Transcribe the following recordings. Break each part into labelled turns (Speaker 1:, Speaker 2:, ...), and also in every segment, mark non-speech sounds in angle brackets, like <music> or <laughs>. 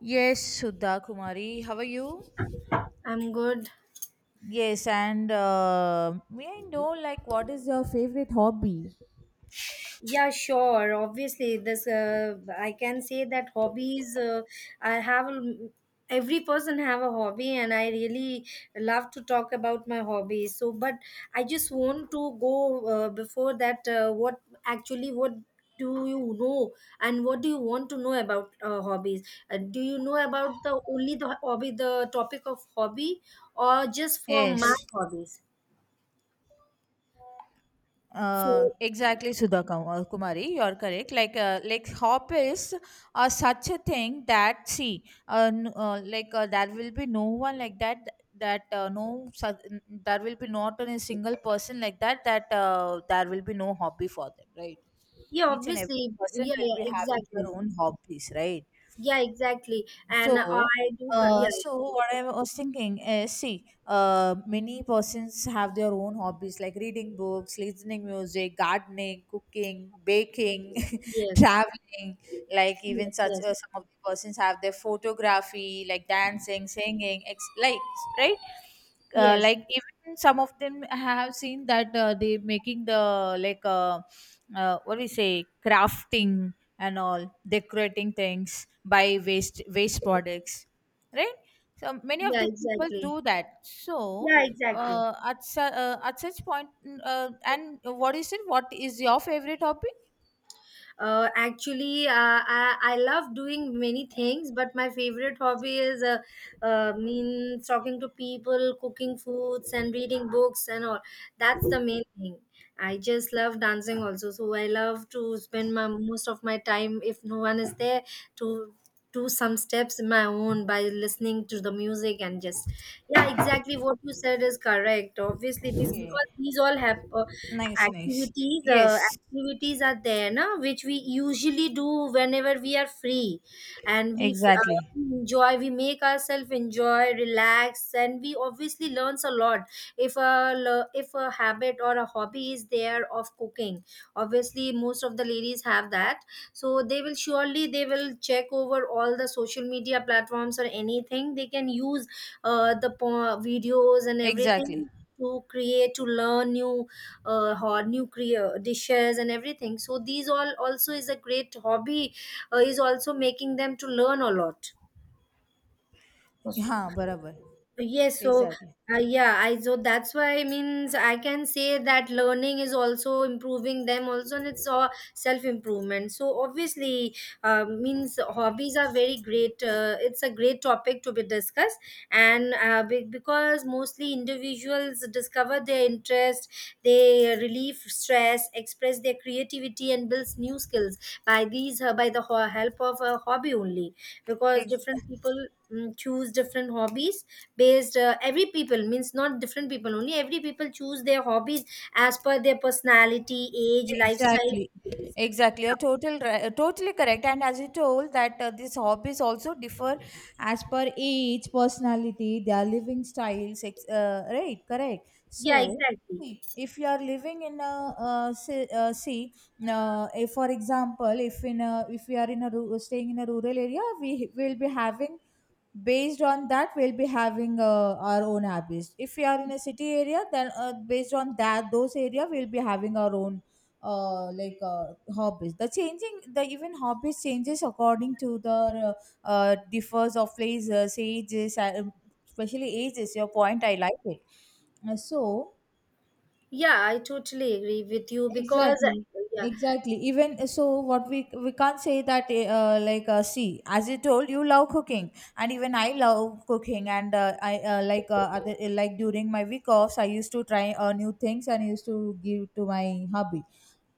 Speaker 1: Yes, Sudha Kumari. How are you?
Speaker 2: I'm good.
Speaker 1: Yes, and may I know, like, what is your favorite hobby?
Speaker 2: Yeah, sure. Obviously, this I can say that hobbies. I have a- every person have a hobby, and I really love to talk about my hobbies. So, but I just want to go before that. What actually what do you know, and what do you want to know about hobbies, do you know about the hobby the topic of hobby, or just for my
Speaker 1: Yes,
Speaker 2: hobbies? So,
Speaker 1: exactly, Sudha Kumari. You're correct. Like, hobbies are such a thing that, see, there will be no one like that. That no, su- n- There will be not a single person like that. There will be no hobby for them, right?
Speaker 2: yeah,
Speaker 1: Each and every
Speaker 2: obviously,
Speaker 1: person
Speaker 2: yeah,
Speaker 1: will
Speaker 2: yeah,
Speaker 1: be having their
Speaker 2: exactly.
Speaker 1: own hobbies, right?
Speaker 2: Yeah, exactly. And I
Speaker 1: So,
Speaker 2: do, yeah,
Speaker 1: so, what I was thinking is, see, many persons have their own hobbies like reading books, listening music, gardening, cooking, baking, <laughs>
Speaker 2: yes,
Speaker 1: traveling. Like
Speaker 2: yes,
Speaker 1: even such,
Speaker 2: yes,
Speaker 1: some of the persons have their photography, like dancing, singing, right.
Speaker 2: yes,
Speaker 1: Like even some of them have seen that, they making the, what we say, crafting and all decorating things by waste products, right, so many of
Speaker 2: yeah,
Speaker 1: the people
Speaker 2: exactly.
Speaker 1: do that, so
Speaker 2: Yeah, exactly.
Speaker 1: at such point, and what is it, what is your favorite topic?
Speaker 2: Actually, I love doing many things, but my favorite hobby is means talking to people, cooking foods, and reading books and all. That's the main thing. I just love dancing also, so I love to spend my most of my time if no one is there to do some steps in my own by listening to the music and just yeah, exactly, what you said is correct. Obviously,
Speaker 1: Okay.
Speaker 2: because these all have
Speaker 1: Nice, nice.
Speaker 2: activities,
Speaker 1: Yes,
Speaker 2: are there now which we usually do whenever we are free, and
Speaker 1: exactly.
Speaker 2: enjoy we make ourselves enjoy, relax, and we obviously learns a lot. If a habit or a hobby is there of cooking, obviously most of the ladies have that, so they will surely they will check over all the social media platforms or anything they can use, videos and
Speaker 1: Exactly.
Speaker 2: everything, to create to learn new hot nuclear dishes and everything. So these all also is a great hobby, is also making them to learn a lot.
Speaker 1: Yeah, barabar.
Speaker 2: Yes, so
Speaker 1: Exactly.
Speaker 2: yeah, I so that's why, I can say that learning is also improving them also, and it's all self improvement. So obviously, means hobbies are very great. It's a great topic to be discussed, and because mostly individuals discover their interest, they relieve stress, express their creativity, and builds new skills by the help of a hobby only. Because
Speaker 1: Ex-
Speaker 2: different people choose different hobbies, based every people, means not different people only, every people choose their hobbies as per their personality, age, lifestyle,
Speaker 1: Exactly. Exactly. You're totally correct. And as you told that, these hobbies also differ as per age, personality, their living styles. Right. Correct.
Speaker 2: yeah,
Speaker 1: So,
Speaker 2: exactly,
Speaker 1: see, if you are living in a, see, see if, for example, if we are in a staying in a rural area, we will be having based on that, we'll be having, our own habits. If we are in a city area, then, based on that those area, we'll be having our own, hobbies. The changing the Even hobbies changes according to the, differs of places, ages, especially ages. Your point, I like it. So.
Speaker 2: yeah, I totally agree with you because
Speaker 1: Exactly,
Speaker 2: yeah,
Speaker 1: exactly. Even, so, what we can't say that, see, as I told you, love cooking, and even I love cooking, and, I like other, eh, like during my week offs, I used to try, new things, and used to give to my hubby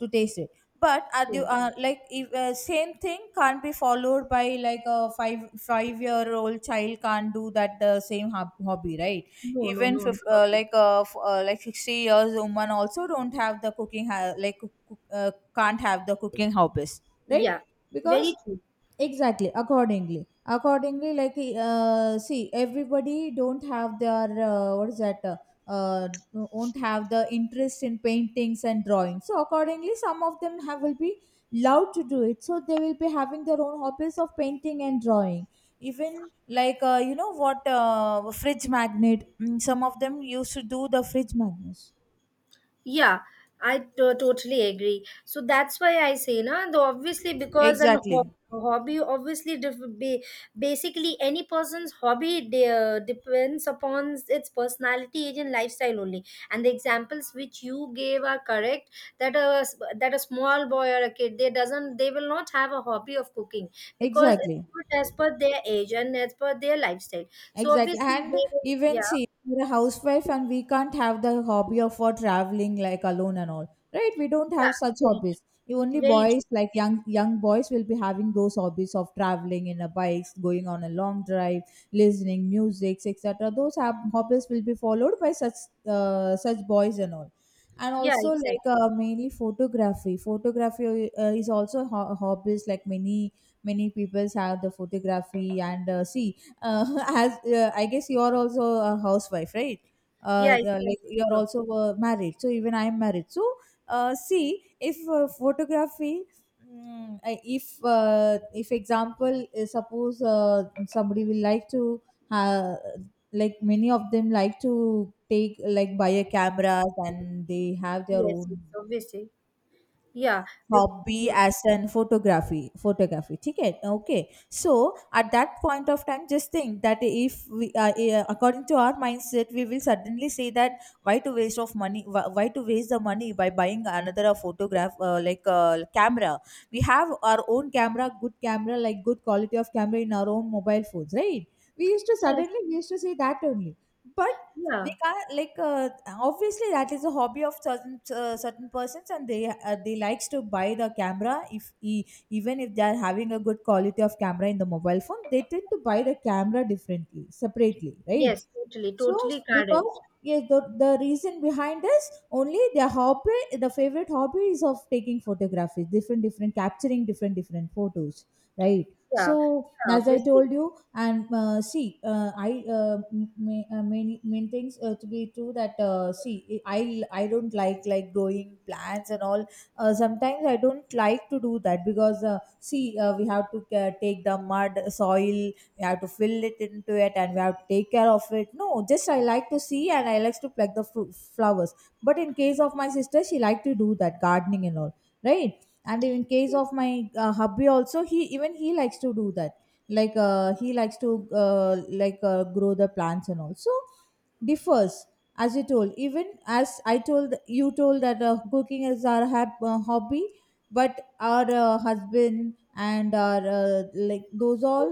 Speaker 1: to taste it. But are you like if, same thing can't be followed by, like, a five five year old child can't do that the same hobby, right?
Speaker 2: no, no,
Speaker 1: Even
Speaker 2: no, no, no, no,
Speaker 1: 60 years woman also don't have the cooking can't have the cooking hobbies, right,
Speaker 2: yeah,
Speaker 1: because
Speaker 2: very true.
Speaker 1: exactly, accordingly, like, see, everybody don't have their, what is that, uh, won't have the interest in paintings and drawing, so accordingly some of them have will be allowed to do it, so they will be having their own hobbies of painting and drawing. Even, like, you know what, fridge magnet, some of them used to do the fridge magnets.
Speaker 2: Yeah, I totally agree. So that's why I say, no, the obviously, because an
Speaker 1: Exactly,
Speaker 2: hobby obviously basically, any person's hobby depends upon its personality, age, and lifestyle only. And the examples which you gave are correct. That a small boy or a kid, they will not have a hobby of cooking because it's
Speaker 1: exactly.
Speaker 2: not as per their age and as per their lifestyle. So
Speaker 1: Exactly.
Speaker 2: obviously
Speaker 1: And
Speaker 2: they will,
Speaker 1: even,
Speaker 2: yeah,
Speaker 1: see, we're a housewife and we can't have the hobby of for traveling like alone and all. Right? We don't
Speaker 2: yeah,
Speaker 1: have such
Speaker 2: very,
Speaker 1: hobbies. You only
Speaker 2: very
Speaker 1: boys,
Speaker 2: true.
Speaker 1: like young boys will be having those hobbies of traveling in a bikes, going on a long drive, listening music, etc. Those have, hobbies will be followed by such boys and all. And
Speaker 2: Yeah,
Speaker 1: also, like,
Speaker 2: exactly.
Speaker 1: mainly photography. Photography, is also hobbies, like many peoples have the photography, and, see, <laughs> as, I guess you are also a housewife, right?
Speaker 2: Yeah,
Speaker 1: Yeah, like
Speaker 2: exactly.
Speaker 1: you are
Speaker 2: Sure.
Speaker 1: also, married. So even I am married. So, see, if, photography, mm, I- if example, suppose, somebody will like to, uh, like many of them like to take, like, buy a camera and they have their
Speaker 2: Yes, yes,
Speaker 1: own
Speaker 2: obviously. Yeah. the-
Speaker 1: hobby as an photography ठीक है, okay. So, at that point of time, just think that, if we, according to our mindset, we will suddenly say that, why to waste of money, why to waste the money by buying another, photograph like camera. We have our own camera, good camera, like good quality of camera in our own mobile phones, right. we used to
Speaker 2: Yes,
Speaker 1: Suddenly we used to say that only. But they
Speaker 2: yeah.
Speaker 1: can't, like, obviously that is a hobby of certain persons, and they likes to buy the camera, if, even if they are having a good quality of camera in the mobile phone, they tend to buy the camera differently, separately, right.
Speaker 2: Yes, totally,
Speaker 1: So
Speaker 2: totally correct.
Speaker 1: because, yes, the reason behind is only their hobby, the favorite hobby is of taking photography, different different capturing different different photos, right?
Speaker 2: Yeah.
Speaker 1: So,
Speaker 2: Yeah,
Speaker 1: as I
Speaker 2: obviously.
Speaker 1: told you, and, see, main things, to be true that, see, I don't like growing plants and all. Sometimes I don't like to do that because, see, we have to, take the mud soil, we have to fill it into it, and we have to take care of it. No, just I like to see, and I likes to pluck the fru flowers. But in case of my sister, she like to do that gardening and all, right. And in case
Speaker 2: Yes.
Speaker 1: of my, hubby also, he even he likes to do that, like, he likes to, grow the plants and all, so differs. As you told, even as I told you told that, cooking is our hobby, but our, husband, and our, those all,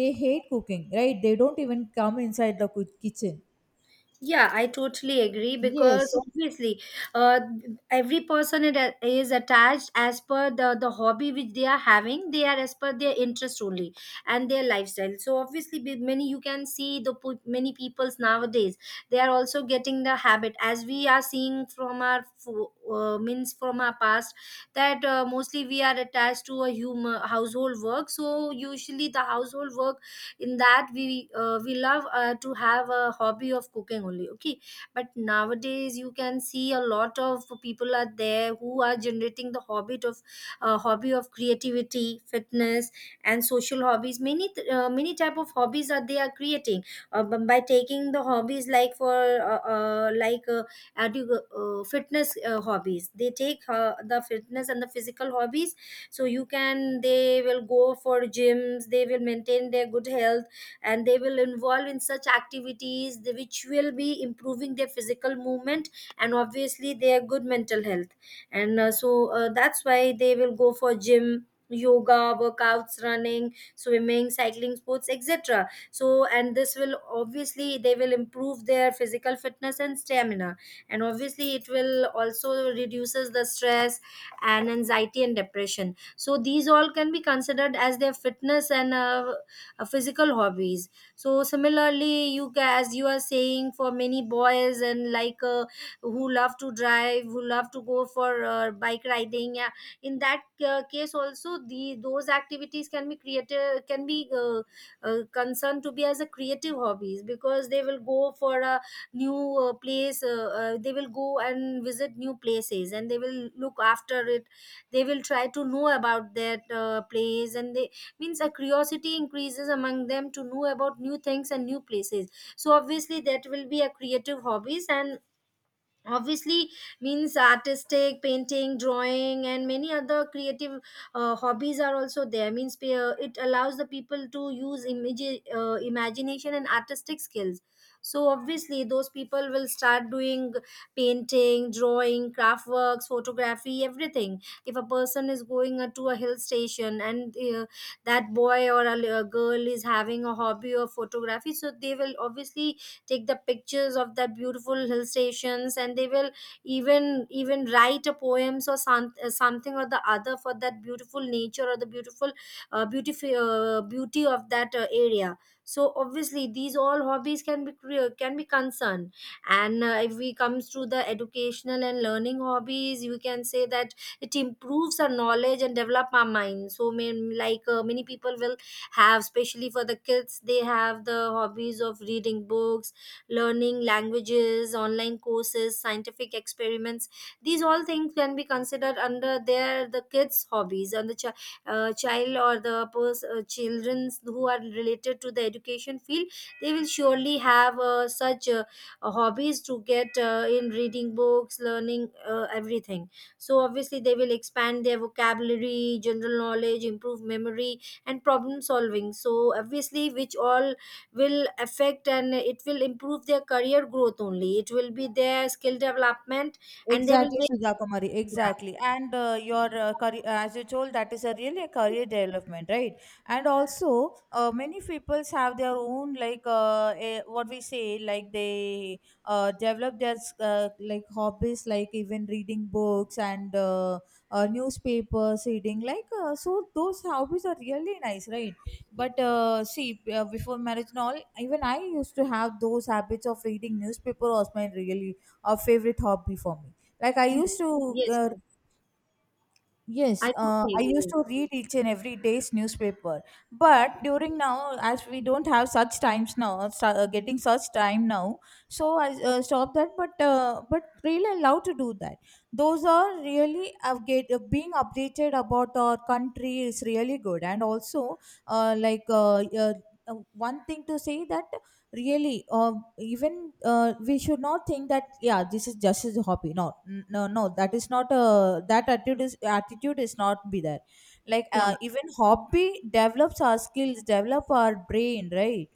Speaker 1: they hate cooking, right, they don't even come inside the kitchen.
Speaker 2: Yeah, I totally agree because
Speaker 1: Yes.
Speaker 2: obviously, uh, every person it is attached as per the hobby which they are having. They are as per their interest only, and their lifestyle. So obviously, many, you can see many peoples nowadays. They are also getting the habit as we are seeing from our fo- means from our past, that mostly we are attached to a human household work. So usually the household work, in that we love to have a hobby of cooking only. Okay, but nowadays you can see a lot of people are there who are generating the hobby of, creativity, fitness, and social hobbies. Many type of hobbies are they are creating, by taking the hobbies, like for uh, uh, like uh, fitness, hobbies, they take the fitness and the physical hobbies. So you can, they will go for gyms, they will maintain their good health, and they will involve in such activities which will be improving their physical movement, and obviously their good mental health. And that's why they will go for gym, yoga, workouts, running, swimming, cycling, sports, etc., so and this will obviously, they will improve their physical fitness and stamina, and obviously it will also reduces the stress and anxiety and depression. So these all can be considered as their fitness and physical hobbies. So similarly, as you are saying, for many boys and, who love to drive, who love to go for bike riding, yeah, in that case also, the those activities can be concerned to be as a creative hobbies, because they will go for a new place they will go and visit new places, and they will look after it, they will try to know about that place, and they, means a curiosity increases among them to know about new things and new places. So obviously that will be a creative hobbies, and obviously, means, artistic, painting, drawing, and many other creative hobbies are also there, means it allows the people to use imagination and artistic skills. So obviously those people will start doing painting, drawing, craft works, photography, everything. If a person is going to a hill station, and that boy or a girl is having a hobby of photography, so they will obviously take the pictures of the beautiful hill stations, and they will even write a poems or something or the other for that beautiful nature or the beautiful beauty of that area. So obviously these all hobbies can be concerned. And if we comes to the educational and learning hobbies, you can say that it improves our knowledge and develop our mind. So main, like many people will have, especially for the kids, they have the hobbies of reading books, learning languages, online courses, scientific experiments. These all things can be considered under the kids' hobbies, and the child or the childrens who are related to the education field. They will surely have such hobbies to get in reading books, learning everything. So obviously they will expand their vocabulary, general knowledge, improve memory, and problem solving. So obviously, which all will affect, and it will improve their career growth only. It will be their skill development, and they will
Speaker 1: Exactly,
Speaker 2: make
Speaker 1: Sudha Kumari.
Speaker 2: yeah.
Speaker 1: Exactly, and, your, career, as you told, that is a really a career development, right? And also, many peoples have their own, like, a, what we say, like they, develop their, like hobbies, like even reading books, and, newspapers, reading, like, so. Those hobbies are really nice, right? But, see, before marriage and all, even I used to have those habits of reading newspaper, was my really a favorite hobby for me. Like I
Speaker 2: Mhm.
Speaker 1: used to,
Speaker 2: Yes,
Speaker 1: uh,
Speaker 2: yes,
Speaker 1: yes,
Speaker 2: I totally
Speaker 1: I used
Speaker 2: agree,
Speaker 1: to read each and every day's newspaper, but during now as we don't have such times now, getting such time now. So I, stopped that, but really allowed to do that. Those are really, being updated about our country is really good, and also, uh, like uh, uh, uh, one thing to say that, really, even, we should not think that, yeah, this is just as a hobby. No, no, no, that is not a that attitude is not be there. Like,
Speaker 2: yeah.
Speaker 1: even hobby develops our skills, develop our brain, right.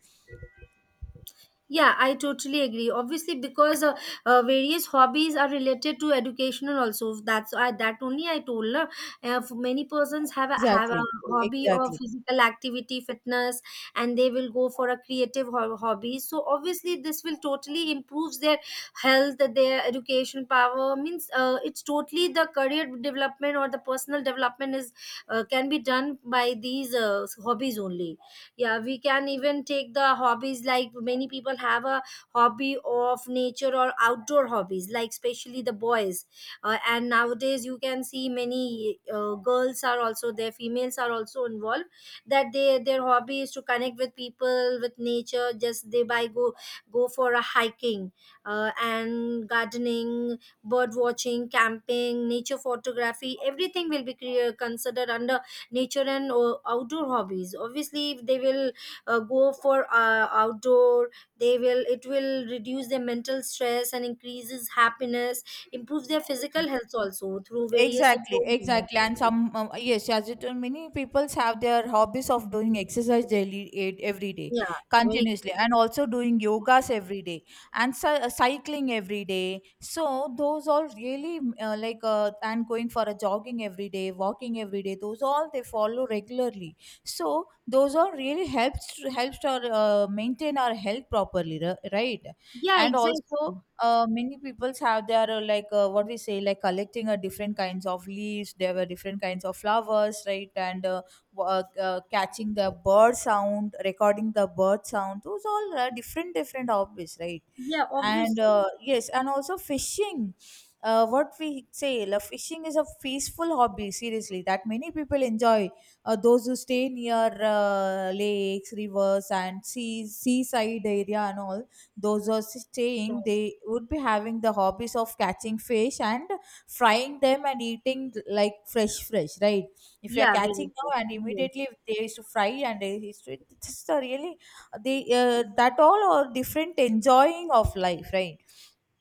Speaker 2: Yeah, I totally agree. Obviously, because various hobbies are related to educational also. That only I told, na. Many persons have a
Speaker 1: Exactly,
Speaker 2: hobby of
Speaker 1: exactly.
Speaker 2: physical activity, fitness, and they will go for a creative hobby. So obviously, this will totally improves their health, their education power. Means it's totally the career development or the personal development, is can be done by these hobbies only. Yeah, we can even take the hobbies like many people have a hobby of nature or outdoor hobbies, like especially the boys, and nowadays you can see many girls are also there, females are also involved, that they their hobby is to connect with people, with nature, just they by go go for a hiking, and gardening, bird watching, camping, nature photography, everything will be considered under nature and outdoor hobbies. Obviously if they will go for outdoor, they will it will reduce their mental stress and increases happiness, improve their physical health also through various
Speaker 1: Exactly,
Speaker 2: improvements.
Speaker 1: exactly. And some, yes, as you told, many people have their hobbies of doing exercise daily, every day,
Speaker 2: Yeah, very
Speaker 1: continuously,
Speaker 2: good.
Speaker 1: and also doing yogas every day, and cycling every day. So those all really, like, and going for a jogging every day, walking every day, those all they follow regularly. So those all really helps, helps to, maintain our health properly, right?
Speaker 2: Yeah,
Speaker 1: And also,
Speaker 2: exactly.
Speaker 1: many people have their, what we say, like collecting a different kinds of leaves, there were different kinds of flowers, right, and, catching the bird sound, recording the bird sound, those all are different different hobbies, right.
Speaker 2: Yeah,
Speaker 1: And,
Speaker 2: obviously.
Speaker 1: yes, and also fishing, what we say, like fishing is a peaceful hobby, seriously, that many people enjoy, those who stay near, lakes, rivers, and seas, seaside area, and all, those who are staying,
Speaker 2: Yes.
Speaker 1: they would be having the hobbies of catching fish and frying them and eating, like, fresh fresh, right. If you are
Speaker 2: Yeah,
Speaker 1: catching
Speaker 2: very good.
Speaker 1: now, and
Speaker 2: Yes.
Speaker 1: immediately they used to fry, and they used to it's a really, they, that all are different enjoying of life, right.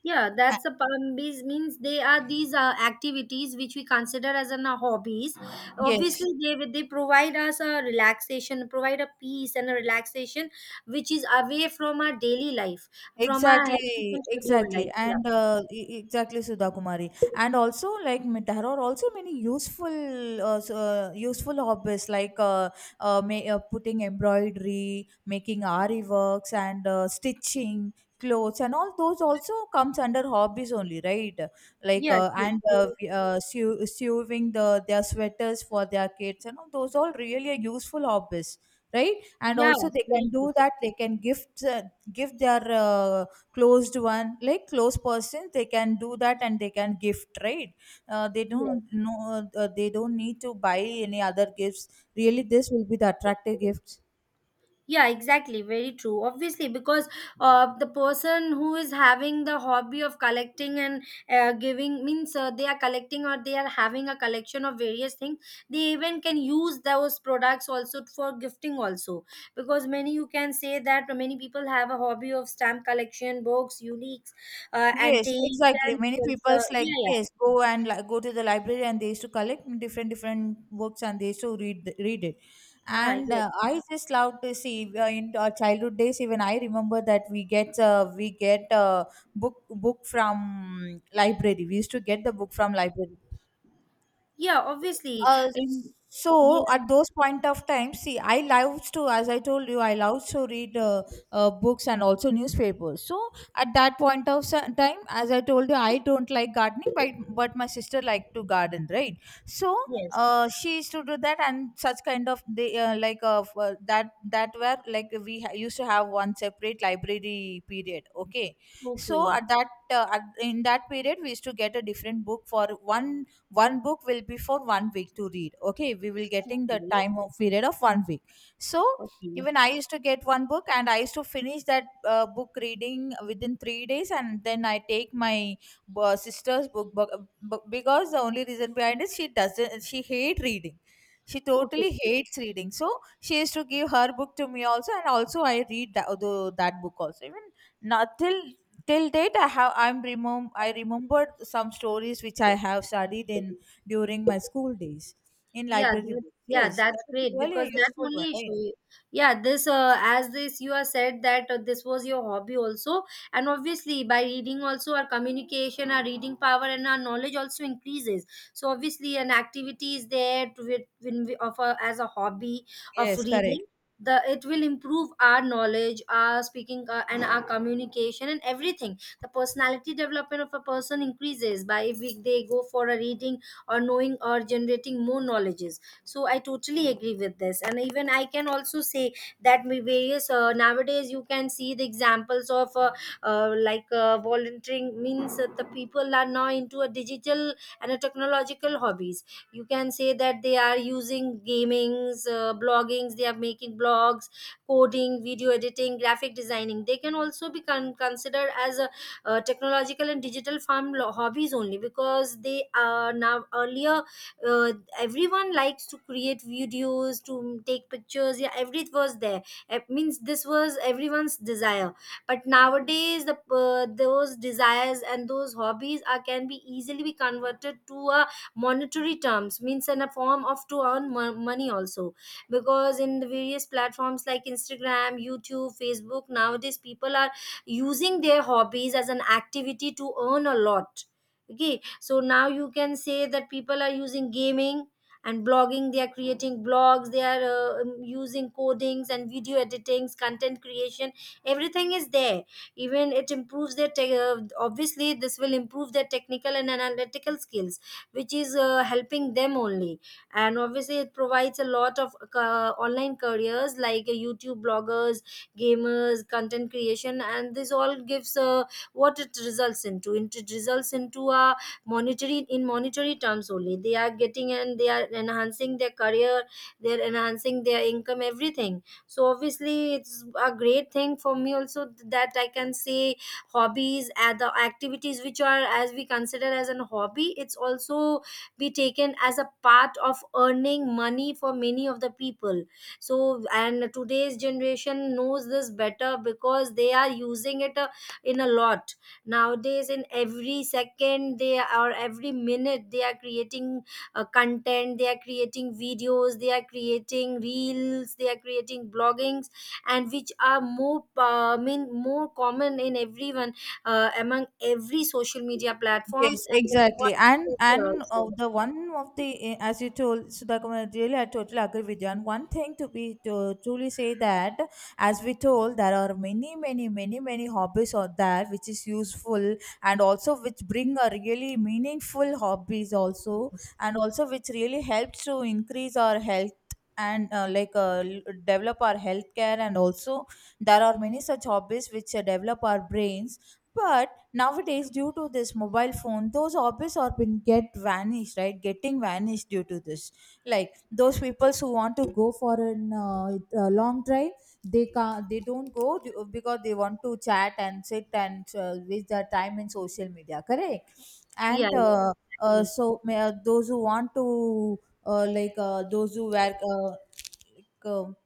Speaker 2: Yeah,
Speaker 1: Uh,
Speaker 2: that's a hobbies, means they are these activities which we consider as an hobbies. Obviously,
Speaker 1: yes.
Speaker 2: they provide us a relaxation, provide a peace and a relaxation which is away from our daily life, from our hectic
Speaker 1: Exactly,
Speaker 2: and scheduled
Speaker 1: exactly,
Speaker 2: life. Yeah.
Speaker 1: and, exactly, Sudha Kumari, and also, like, there are also many useful, useful hobbies, like, putting embroidery, making ari works, and, stitching clothes, and all those also comes under hobbies only, right? Like,
Speaker 2: Yes. Yes.
Speaker 1: and,
Speaker 2: Yes.
Speaker 1: sewing the their sweaters for their kids, and all those all really are useful hobbies, right? And also
Speaker 2: Yes.
Speaker 1: they
Speaker 2: Very
Speaker 1: can
Speaker 2: true.
Speaker 1: do that, they can gift, give their, closed one, like close person, they can do that and they can gift, right. They don't
Speaker 2: Yes.
Speaker 1: know, they don't need to buy any other gifts. Really, this will be the attractive gift.
Speaker 2: Yeah, exactly. Very true. Obviously, because the person who is having the hobby of collecting and giving, means they are collecting, or they are having a collection of various things. They even can use those products also for gifting also. Because many, you can say that many people have a hobby of stamp collection, books, uniques,
Speaker 1: Yes,
Speaker 2: antiques,
Speaker 1: exactly.
Speaker 2: and
Speaker 1: Many people's like
Speaker 2: yeah,
Speaker 1: yes, go and like, go to the library and they used to collect different different books and they used to read it.
Speaker 2: yeah,
Speaker 1: And
Speaker 2: yeah,
Speaker 1: uh, I just love to see in our childhood days. Even I remember that we get a book from library. We used to get the book from library.
Speaker 2: yeah. Obviously,
Speaker 1: Uh,
Speaker 2: in, yes,
Speaker 1: so at those point of time, see, I loved to, as I told you, I loved to read books and also newspapers. So at that point of time, as I told you, I don't like gardening, but my sister liked to garden, right? So
Speaker 2: yes.
Speaker 1: she used to do that, and such kind of they like that were like used to have one separate library period. Okay, so
Speaker 2: Okay,
Speaker 1: at in that period, we used to get a different book for one book will be for 1 week to read. Okay, we will getting the
Speaker 2: okay,
Speaker 1: time of period of 1 week. So even I used to get one book and I used to finish that book reading within 3 days, and then I take my sister's because the only reason behind it, she doesn't she hate reading. She
Speaker 2: okay,
Speaker 1: totally
Speaker 2: okay.
Speaker 1: hates reading. So she used to give her book to me also, and also I read that, that book also. Even not till till date I have, I remembered some stories which I have studied in during my school days in
Speaker 2: Yeah,
Speaker 1: library
Speaker 2: that,
Speaker 1: books.
Speaker 2: yeah,
Speaker 1: Yes,
Speaker 2: that's
Speaker 1: that is
Speaker 2: great
Speaker 1: really a
Speaker 2: because
Speaker 1: really
Speaker 2: that
Speaker 1: useful one,
Speaker 2: only show
Speaker 1: right?
Speaker 2: you. Yeah, this as this you have said that this was your hobby also, and obviously by reading also, our communication, our reading power, and our knowledge also increases. So obviously an activity is there to it when we offer as a hobby of
Speaker 1: Yes, correct.
Speaker 2: reading. The it will improve our knowledge, our speaking, and our communication and everything. The personality development of a person increases by if they go for a reading or knowing or generating more knowledges, so I totally agree with this, and even I can also say that we various nowadays you can see the examples of volunteering means that the people are now into a digital and a technological hobbies. You can say that they are using gamings, bloggings, they are making blogs, coding, video editing, graphic designing. They can also be considered as a technological and digital hobbies only, because they are now earlier, uh, everyone likes to create videos, to take pictures, yeah, everything was there. It means this was everyone's desire, but nowadays the those desires and those hobbies are can be easily be converted to a monetary terms, means in a form of to earn money also, because in the various platforms like Instagram, YouTube, Facebook, nowadays people are using their hobbies as an activity to earn a lot. Okay, so now you can say that people are using gaming and blogging, they are creating blogs, they are using codings and video editings, content creation, everything is there. Even it improves their obviously this will improve their technical and analytical skills, which is helping them only. And obviously it provides a lot of online careers like YouTube bloggers, gamers, content creation, and this all gives what it results into it results into a monetary terms only, they are getting and they are enhancing their career, they're enhancing their income, everything. So obviously it's a great thing for me also, that I can say hobbies and the activities which are as we consider as an hobby, it's also be taken as a part of earning money for many of the people. So and today's generation knows this better because they are using it in a lot. Nowadays in every second they are, every minute they are creating content, they are creating videos, they are creating reels, they are creating bloggings, and which are more I mean more common in everyone, among every social media platforms,
Speaker 1: Yes,
Speaker 2: and that's why
Speaker 1: exactly. And
Speaker 2: also.
Speaker 1: the one of the, as you told Sudhakuma, really I totally agree with you. And one thing to be to truly say that, as we told, there are many, many, many, many hobbies out there which is useful, and also which bring a really meaningful hobbies also,
Speaker 2: Yes.
Speaker 1: and also which really helps to increase our health, and like develop our healthcare, and also there are many such hobbies which develop our brains. But nowadays due to this mobile phone, those hobbies are been get vanished, right? Getting vanished due to this, like, those people who want to go for an a long drive, they can, they don't go because they want to chat and sit and waste their time in social media, correct?
Speaker 2: Yeah.
Speaker 1: and
Speaker 2: Yes,
Speaker 1: uh,
Speaker 2: exactly.
Speaker 1: those who want to like those who wear like,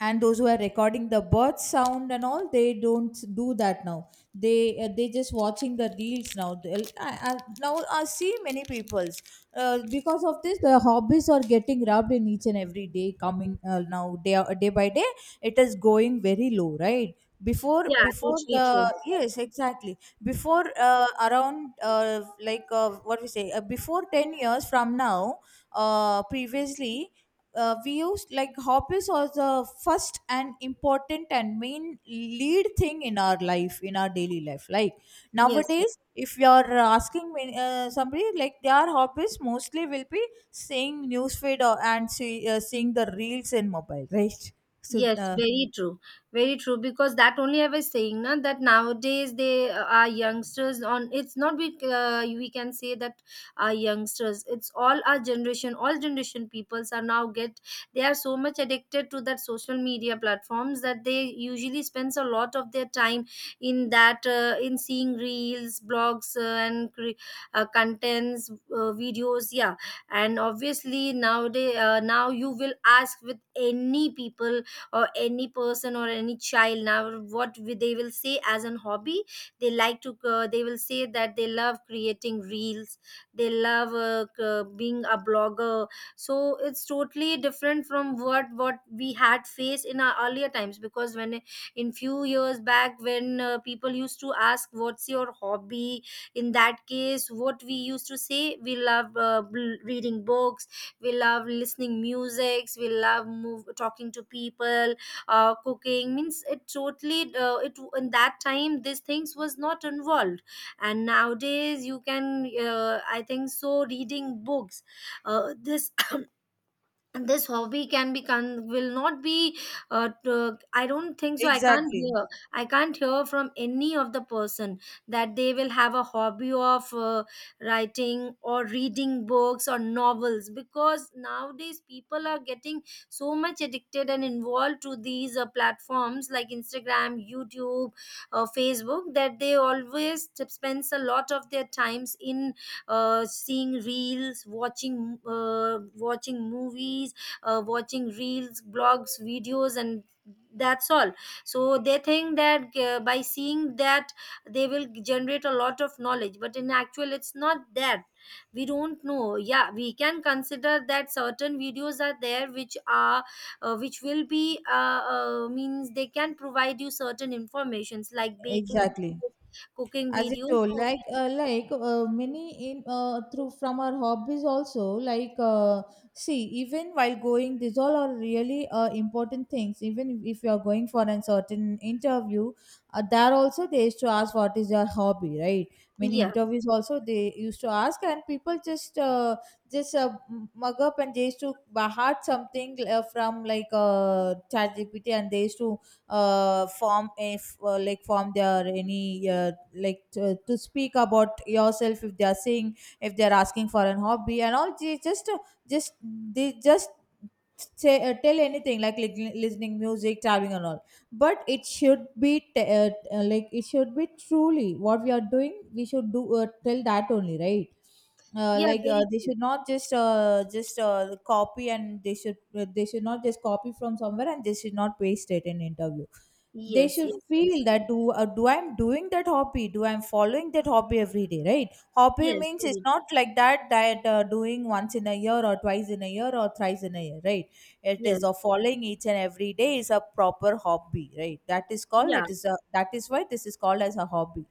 Speaker 1: and those who are recording the bird sound and all, they don't do that now. They they just watching the reels now. Now I see many people's, because of this the hobbies are getting rubbed in each and every day coming, day by day. It is going very low, right? before
Speaker 2: Yeah,
Speaker 1: before
Speaker 2: totally true.
Speaker 1: the yes exactly, before around like what we say before 10 years from now, previously we used, like, hobbies was the first and important and main lead thing in our life, in our daily life. Like,
Speaker 2: Yes, yes.
Speaker 1: nowadays if you're asking me, somebody like their hobbies mostly will be seeing newsfeed or and see, seeing the reels in mobile, right? So
Speaker 2: Yes, very true. Very true. Because that only I was saying, na, that nowadays they are youngsters on. It's not we, we can say that our youngsters. It's all our generation. All generation peoples are now get. They are so much addicted to that social media platforms that they usually spends a lot of their time in that, in seeing reels, blogs, and contents, videos. Yeah, and obviously nowadays now you will ask with any people or any person or any child now what they will say as an hobby. They like to, they will say that they love creating reels, they love being a blogger. So it's totally different from what we had faced in our earlier times, because when, in few years back, when people used to ask what's your hobby, in that case what we used to say, we love reading books, we love listening musics, we love move talking to people, cooking, means it totally, it, in that time these things was not involved. And nowadays you can, I think so reading books, this and this hobby can be, can will not be, I don't think so, I can't
Speaker 1: exactly,
Speaker 2: hear. I can't hear from any of the person that they will have a hobby of, writing or reading books or novels, because nowadays people are getting so much addicted and involved to these platforms like Instagram, YouTube, Facebook, that they always spends a lot of their times in seeing reels, watching, watching movies, watching reels, blogs, videos, and that's all. So they think that by seeing that they will generate a lot of knowledge, but in actual it's not that. We don't know, yeah, we can consider that certain videos are there which are which will be, means they can provide you certain informations, like baking
Speaker 1: exactly.
Speaker 2: videos, cooking
Speaker 1: As you
Speaker 2: videos,
Speaker 1: told,
Speaker 2: so,
Speaker 1: like many in through from our hobbies also, like see, even while going, these all are really important things. Even if you are going for a certain interview, there also they used to ask what is your hobby, right? Many
Speaker 2: yeah.
Speaker 1: interviews also they used to ask, and people just mug up, and they used to bahart something from like ChatGPT, and they used to form if like form their any like to speak about yourself, if they are saying, if they are asking for an hobby and all, they just they just say tell anything like listening music, traveling and all. But it should be like it should be truly what we are doing, we should do tell that only, right?
Speaker 2: Yeah,
Speaker 1: Like
Speaker 2: very
Speaker 1: they
Speaker 2: true.
Speaker 1: should not just copy, and they should, they should not just copy from somewhere, and they should not paste it in interview. They
Speaker 2: Yes,
Speaker 1: should
Speaker 2: yes, yes.
Speaker 1: feel that, do do I'm doing that hobby? Do I'm following that hobby every day? Right? Hobby
Speaker 2: Yes,
Speaker 1: means it's
Speaker 2: very
Speaker 1: not
Speaker 2: true.
Speaker 1: like that, that doing once in a year or twice in a year or thrice in a year, right? It is
Speaker 2: Yes.
Speaker 1: a following each and every day is a proper hobby. Right? That is called,
Speaker 2: Yeah.
Speaker 1: it is a, that is why this is called as a hobby.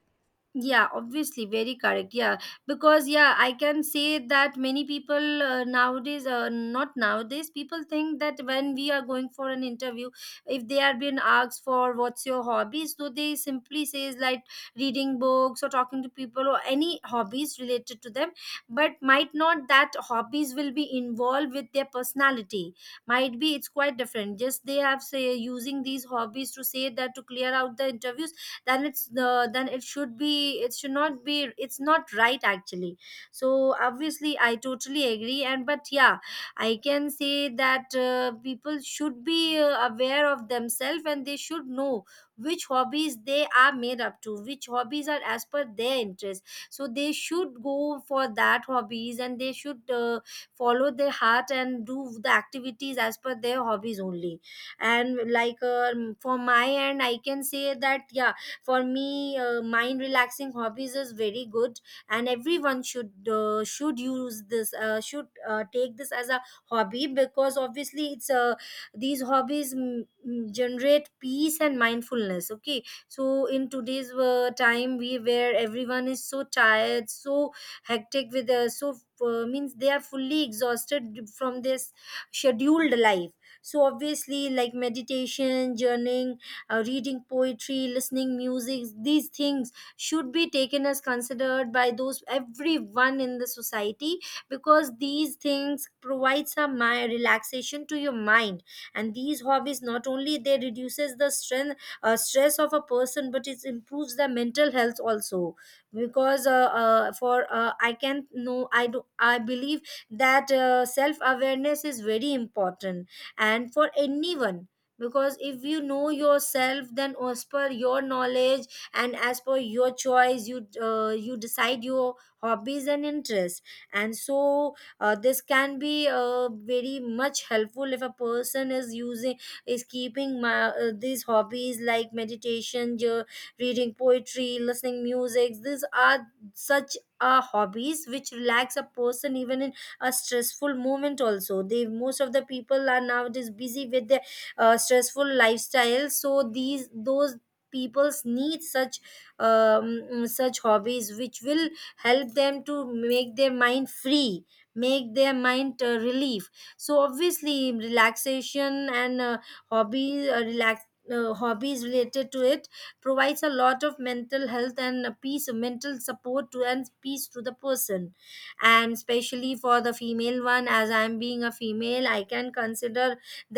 Speaker 2: Yeah, obviously, very correct. Yeah, because yeah, I can say that many people, nowadays, not nowadays, people think that when we are going for an interview, if they are being asked for what's your hobbies, so they simply says like reading books or talking to people or any hobbies related to them, but might not that hobbies will be involved with their personality. Might be it's quite different. Just they have say using these hobbies to say that to clear out the interviews, then it's the, then it should be, it should not be, it's not right actually. So obviously I totally agree, and but yeah, I can say that people should be aware of themselves and they should know which hobbies they are made up to, which hobbies are as per their interest, so they should go for that hobbies and they should, follow their heart and do the activities as per their hobbies only. And like, um, for my end I can say that, yeah, for me mind relaxing hobbies is very good, and everyone should use this, should take this as a hobby, because obviously it's these hobbies generate peace and mindfulness. Okay, so in today's time we, where everyone is so tired, so hectic with, so means they are fully exhausted from this scheduled life. So obviously, like meditation, journaling, reading poetry, listening music, these things should be taken as considered by those everyone in the society, because these things provide some my relaxation to your mind. And these hobbies not only they reduces the strength stress of a person, but it improves their mental health also. Because for I can know, I do, I believe that self awareness is very important, and for anyone, because if you know yourself, then as per your knowledge and as per your choice, you, you decide your hobbies and interests. And so this can be very much helpful if a person is using, is keeping my, these hobbies like meditation, reading poetry, listening music. These are such hobbies which relax a person even in a stressful moment also. They, most of the people are nowadays busy with their stressful lifestyles, so these, those peoples need such such hobbies which will help them to make their mind free, make their mind relief. So obviously relaxation and hobbies relax, hobbies related to it provides a lot of mental health and a peace, mental support to and peace to the person. And especially for the female one, as I am being a female, I can consider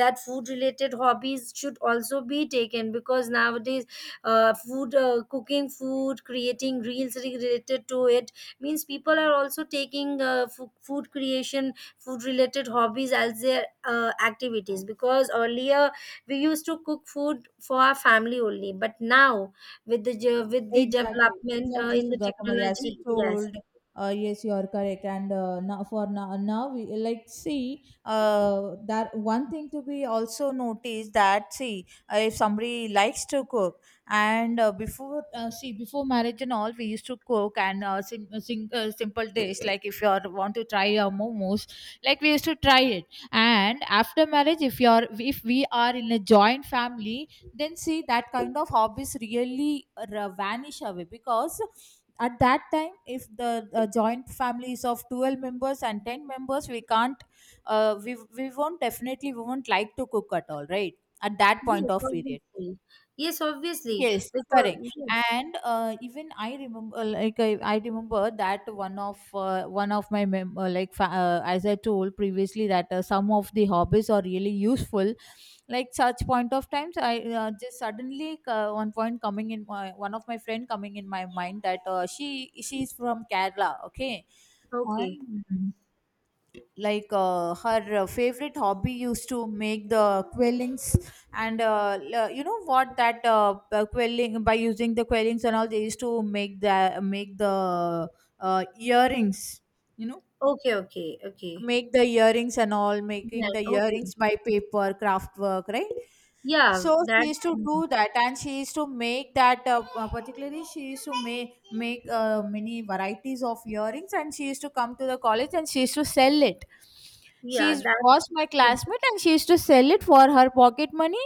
Speaker 2: that food related hobbies should also be taken, because nowadays food, cooking food, creating reels related to it, means people are also taking food creation, food related hobbies as their activities. Because earlier we used to cook food for our family only, but now with the with the
Speaker 1: Exactly,
Speaker 2: development
Speaker 1: exactly,
Speaker 2: in the
Speaker 1: Sudha Kumari. As
Speaker 2: technology.
Speaker 1: you
Speaker 2: Yes.
Speaker 1: told, yes, you are correct. And now, for now, now we like see that one thing to be also noticed, that see if somebody likes to cook, and before see before marriage and all we used to cook, and simple dish like if you are want to try a momos, like we used to try it. And after marriage, if you are, if we are in a joint family, then see that kind of hobbies really vanish away, because at that time if the joint family is of 12 members and 10 members, we won't, definitely we won't like to cook at all, right? At that point
Speaker 2: Yes,
Speaker 1: of period.
Speaker 2: obviously. Yes, obviously.
Speaker 1: Yes,
Speaker 2: Because
Speaker 1: correct.
Speaker 2: yes.
Speaker 1: And even I remember, like I remember that one of my as I told previously, that some of the hobbies are really useful. Like such point of times, I just suddenly one point coming in my, one of my friend coming in my mind, that she is from Kerala, okay,
Speaker 2: Okay,
Speaker 1: and like her favorite hobby used to make the quillings. And you know what, that quelling, by using the quillings and all, they used to make the earrings, you know.
Speaker 2: okay, okay, okay.
Speaker 1: Make the earrings and all,
Speaker 2: Yeah,
Speaker 1: making the
Speaker 2: okay.
Speaker 1: earrings by paper craft work, right?
Speaker 2: Yeah,
Speaker 1: So
Speaker 2: that,
Speaker 1: she used to
Speaker 2: mhm,
Speaker 1: do that, and she used to make that. Particularly, she used to make many varieties of earrings, and she used to come to the college and she used to sell it.
Speaker 2: yeah,
Speaker 1: She
Speaker 2: that
Speaker 1: was my
Speaker 2: is,
Speaker 1: classmate, and she used to sell it for her pocket money.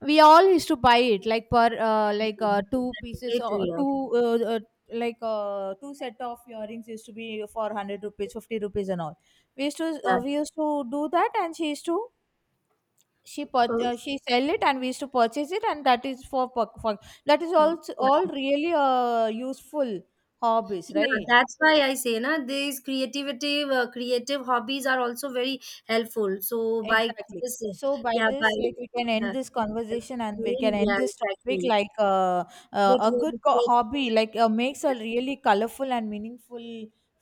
Speaker 1: We all used to buy it, like, per
Speaker 2: mhm,
Speaker 1: two
Speaker 2: that's
Speaker 1: pieces
Speaker 2: great to
Speaker 1: or
Speaker 2: hear.
Speaker 1: two uh, uh, like two set of earrings used to be for 100 rupees, 50 rupees, and all.
Speaker 2: Yeah.
Speaker 1: We used to do that, and she used to,
Speaker 2: So,
Speaker 1: she sell it and we used to purchase it, and that is for, for that is also all
Speaker 2: yeah.
Speaker 1: really useful hobbies,
Speaker 2: Yeah,
Speaker 1: right?
Speaker 2: that's why I say, na, these creativity, creative hobbies are also very helpful. So by
Speaker 1: Exactly.
Speaker 2: this,
Speaker 1: So by
Speaker 2: yeah,
Speaker 1: this,
Speaker 2: by,
Speaker 1: like, we can end
Speaker 2: yeah,
Speaker 1: this conversation and we can end
Speaker 2: yeah,
Speaker 1: this topic.
Speaker 2: exactly.
Speaker 1: Like
Speaker 2: It
Speaker 1: a
Speaker 2: was
Speaker 1: good
Speaker 2: a great,
Speaker 1: hobby like makes a really colorful and meaningful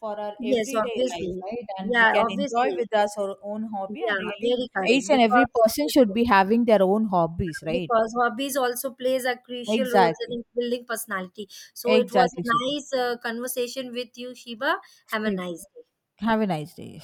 Speaker 1: for our
Speaker 2: yes,
Speaker 1: everyday life,
Speaker 2: obviously.
Speaker 1: right? And we
Speaker 2: Yeah,
Speaker 1: can enjoy
Speaker 2: obviously.
Speaker 1: with us our own hobby, and
Speaker 2: Yeah,
Speaker 1: really
Speaker 2: very correct.
Speaker 1: each and every
Speaker 2: Because
Speaker 1: person should
Speaker 2: yes,
Speaker 1: be having their own hobbies, right?
Speaker 2: because hobbies also plays a crucial role
Speaker 1: Exactly,
Speaker 2: in building personality. So it was
Speaker 1: exactly,
Speaker 2: a
Speaker 1: Sudha.
Speaker 2: nice conversation with you, Shiba. Have a nice day.
Speaker 1: Have a nice day.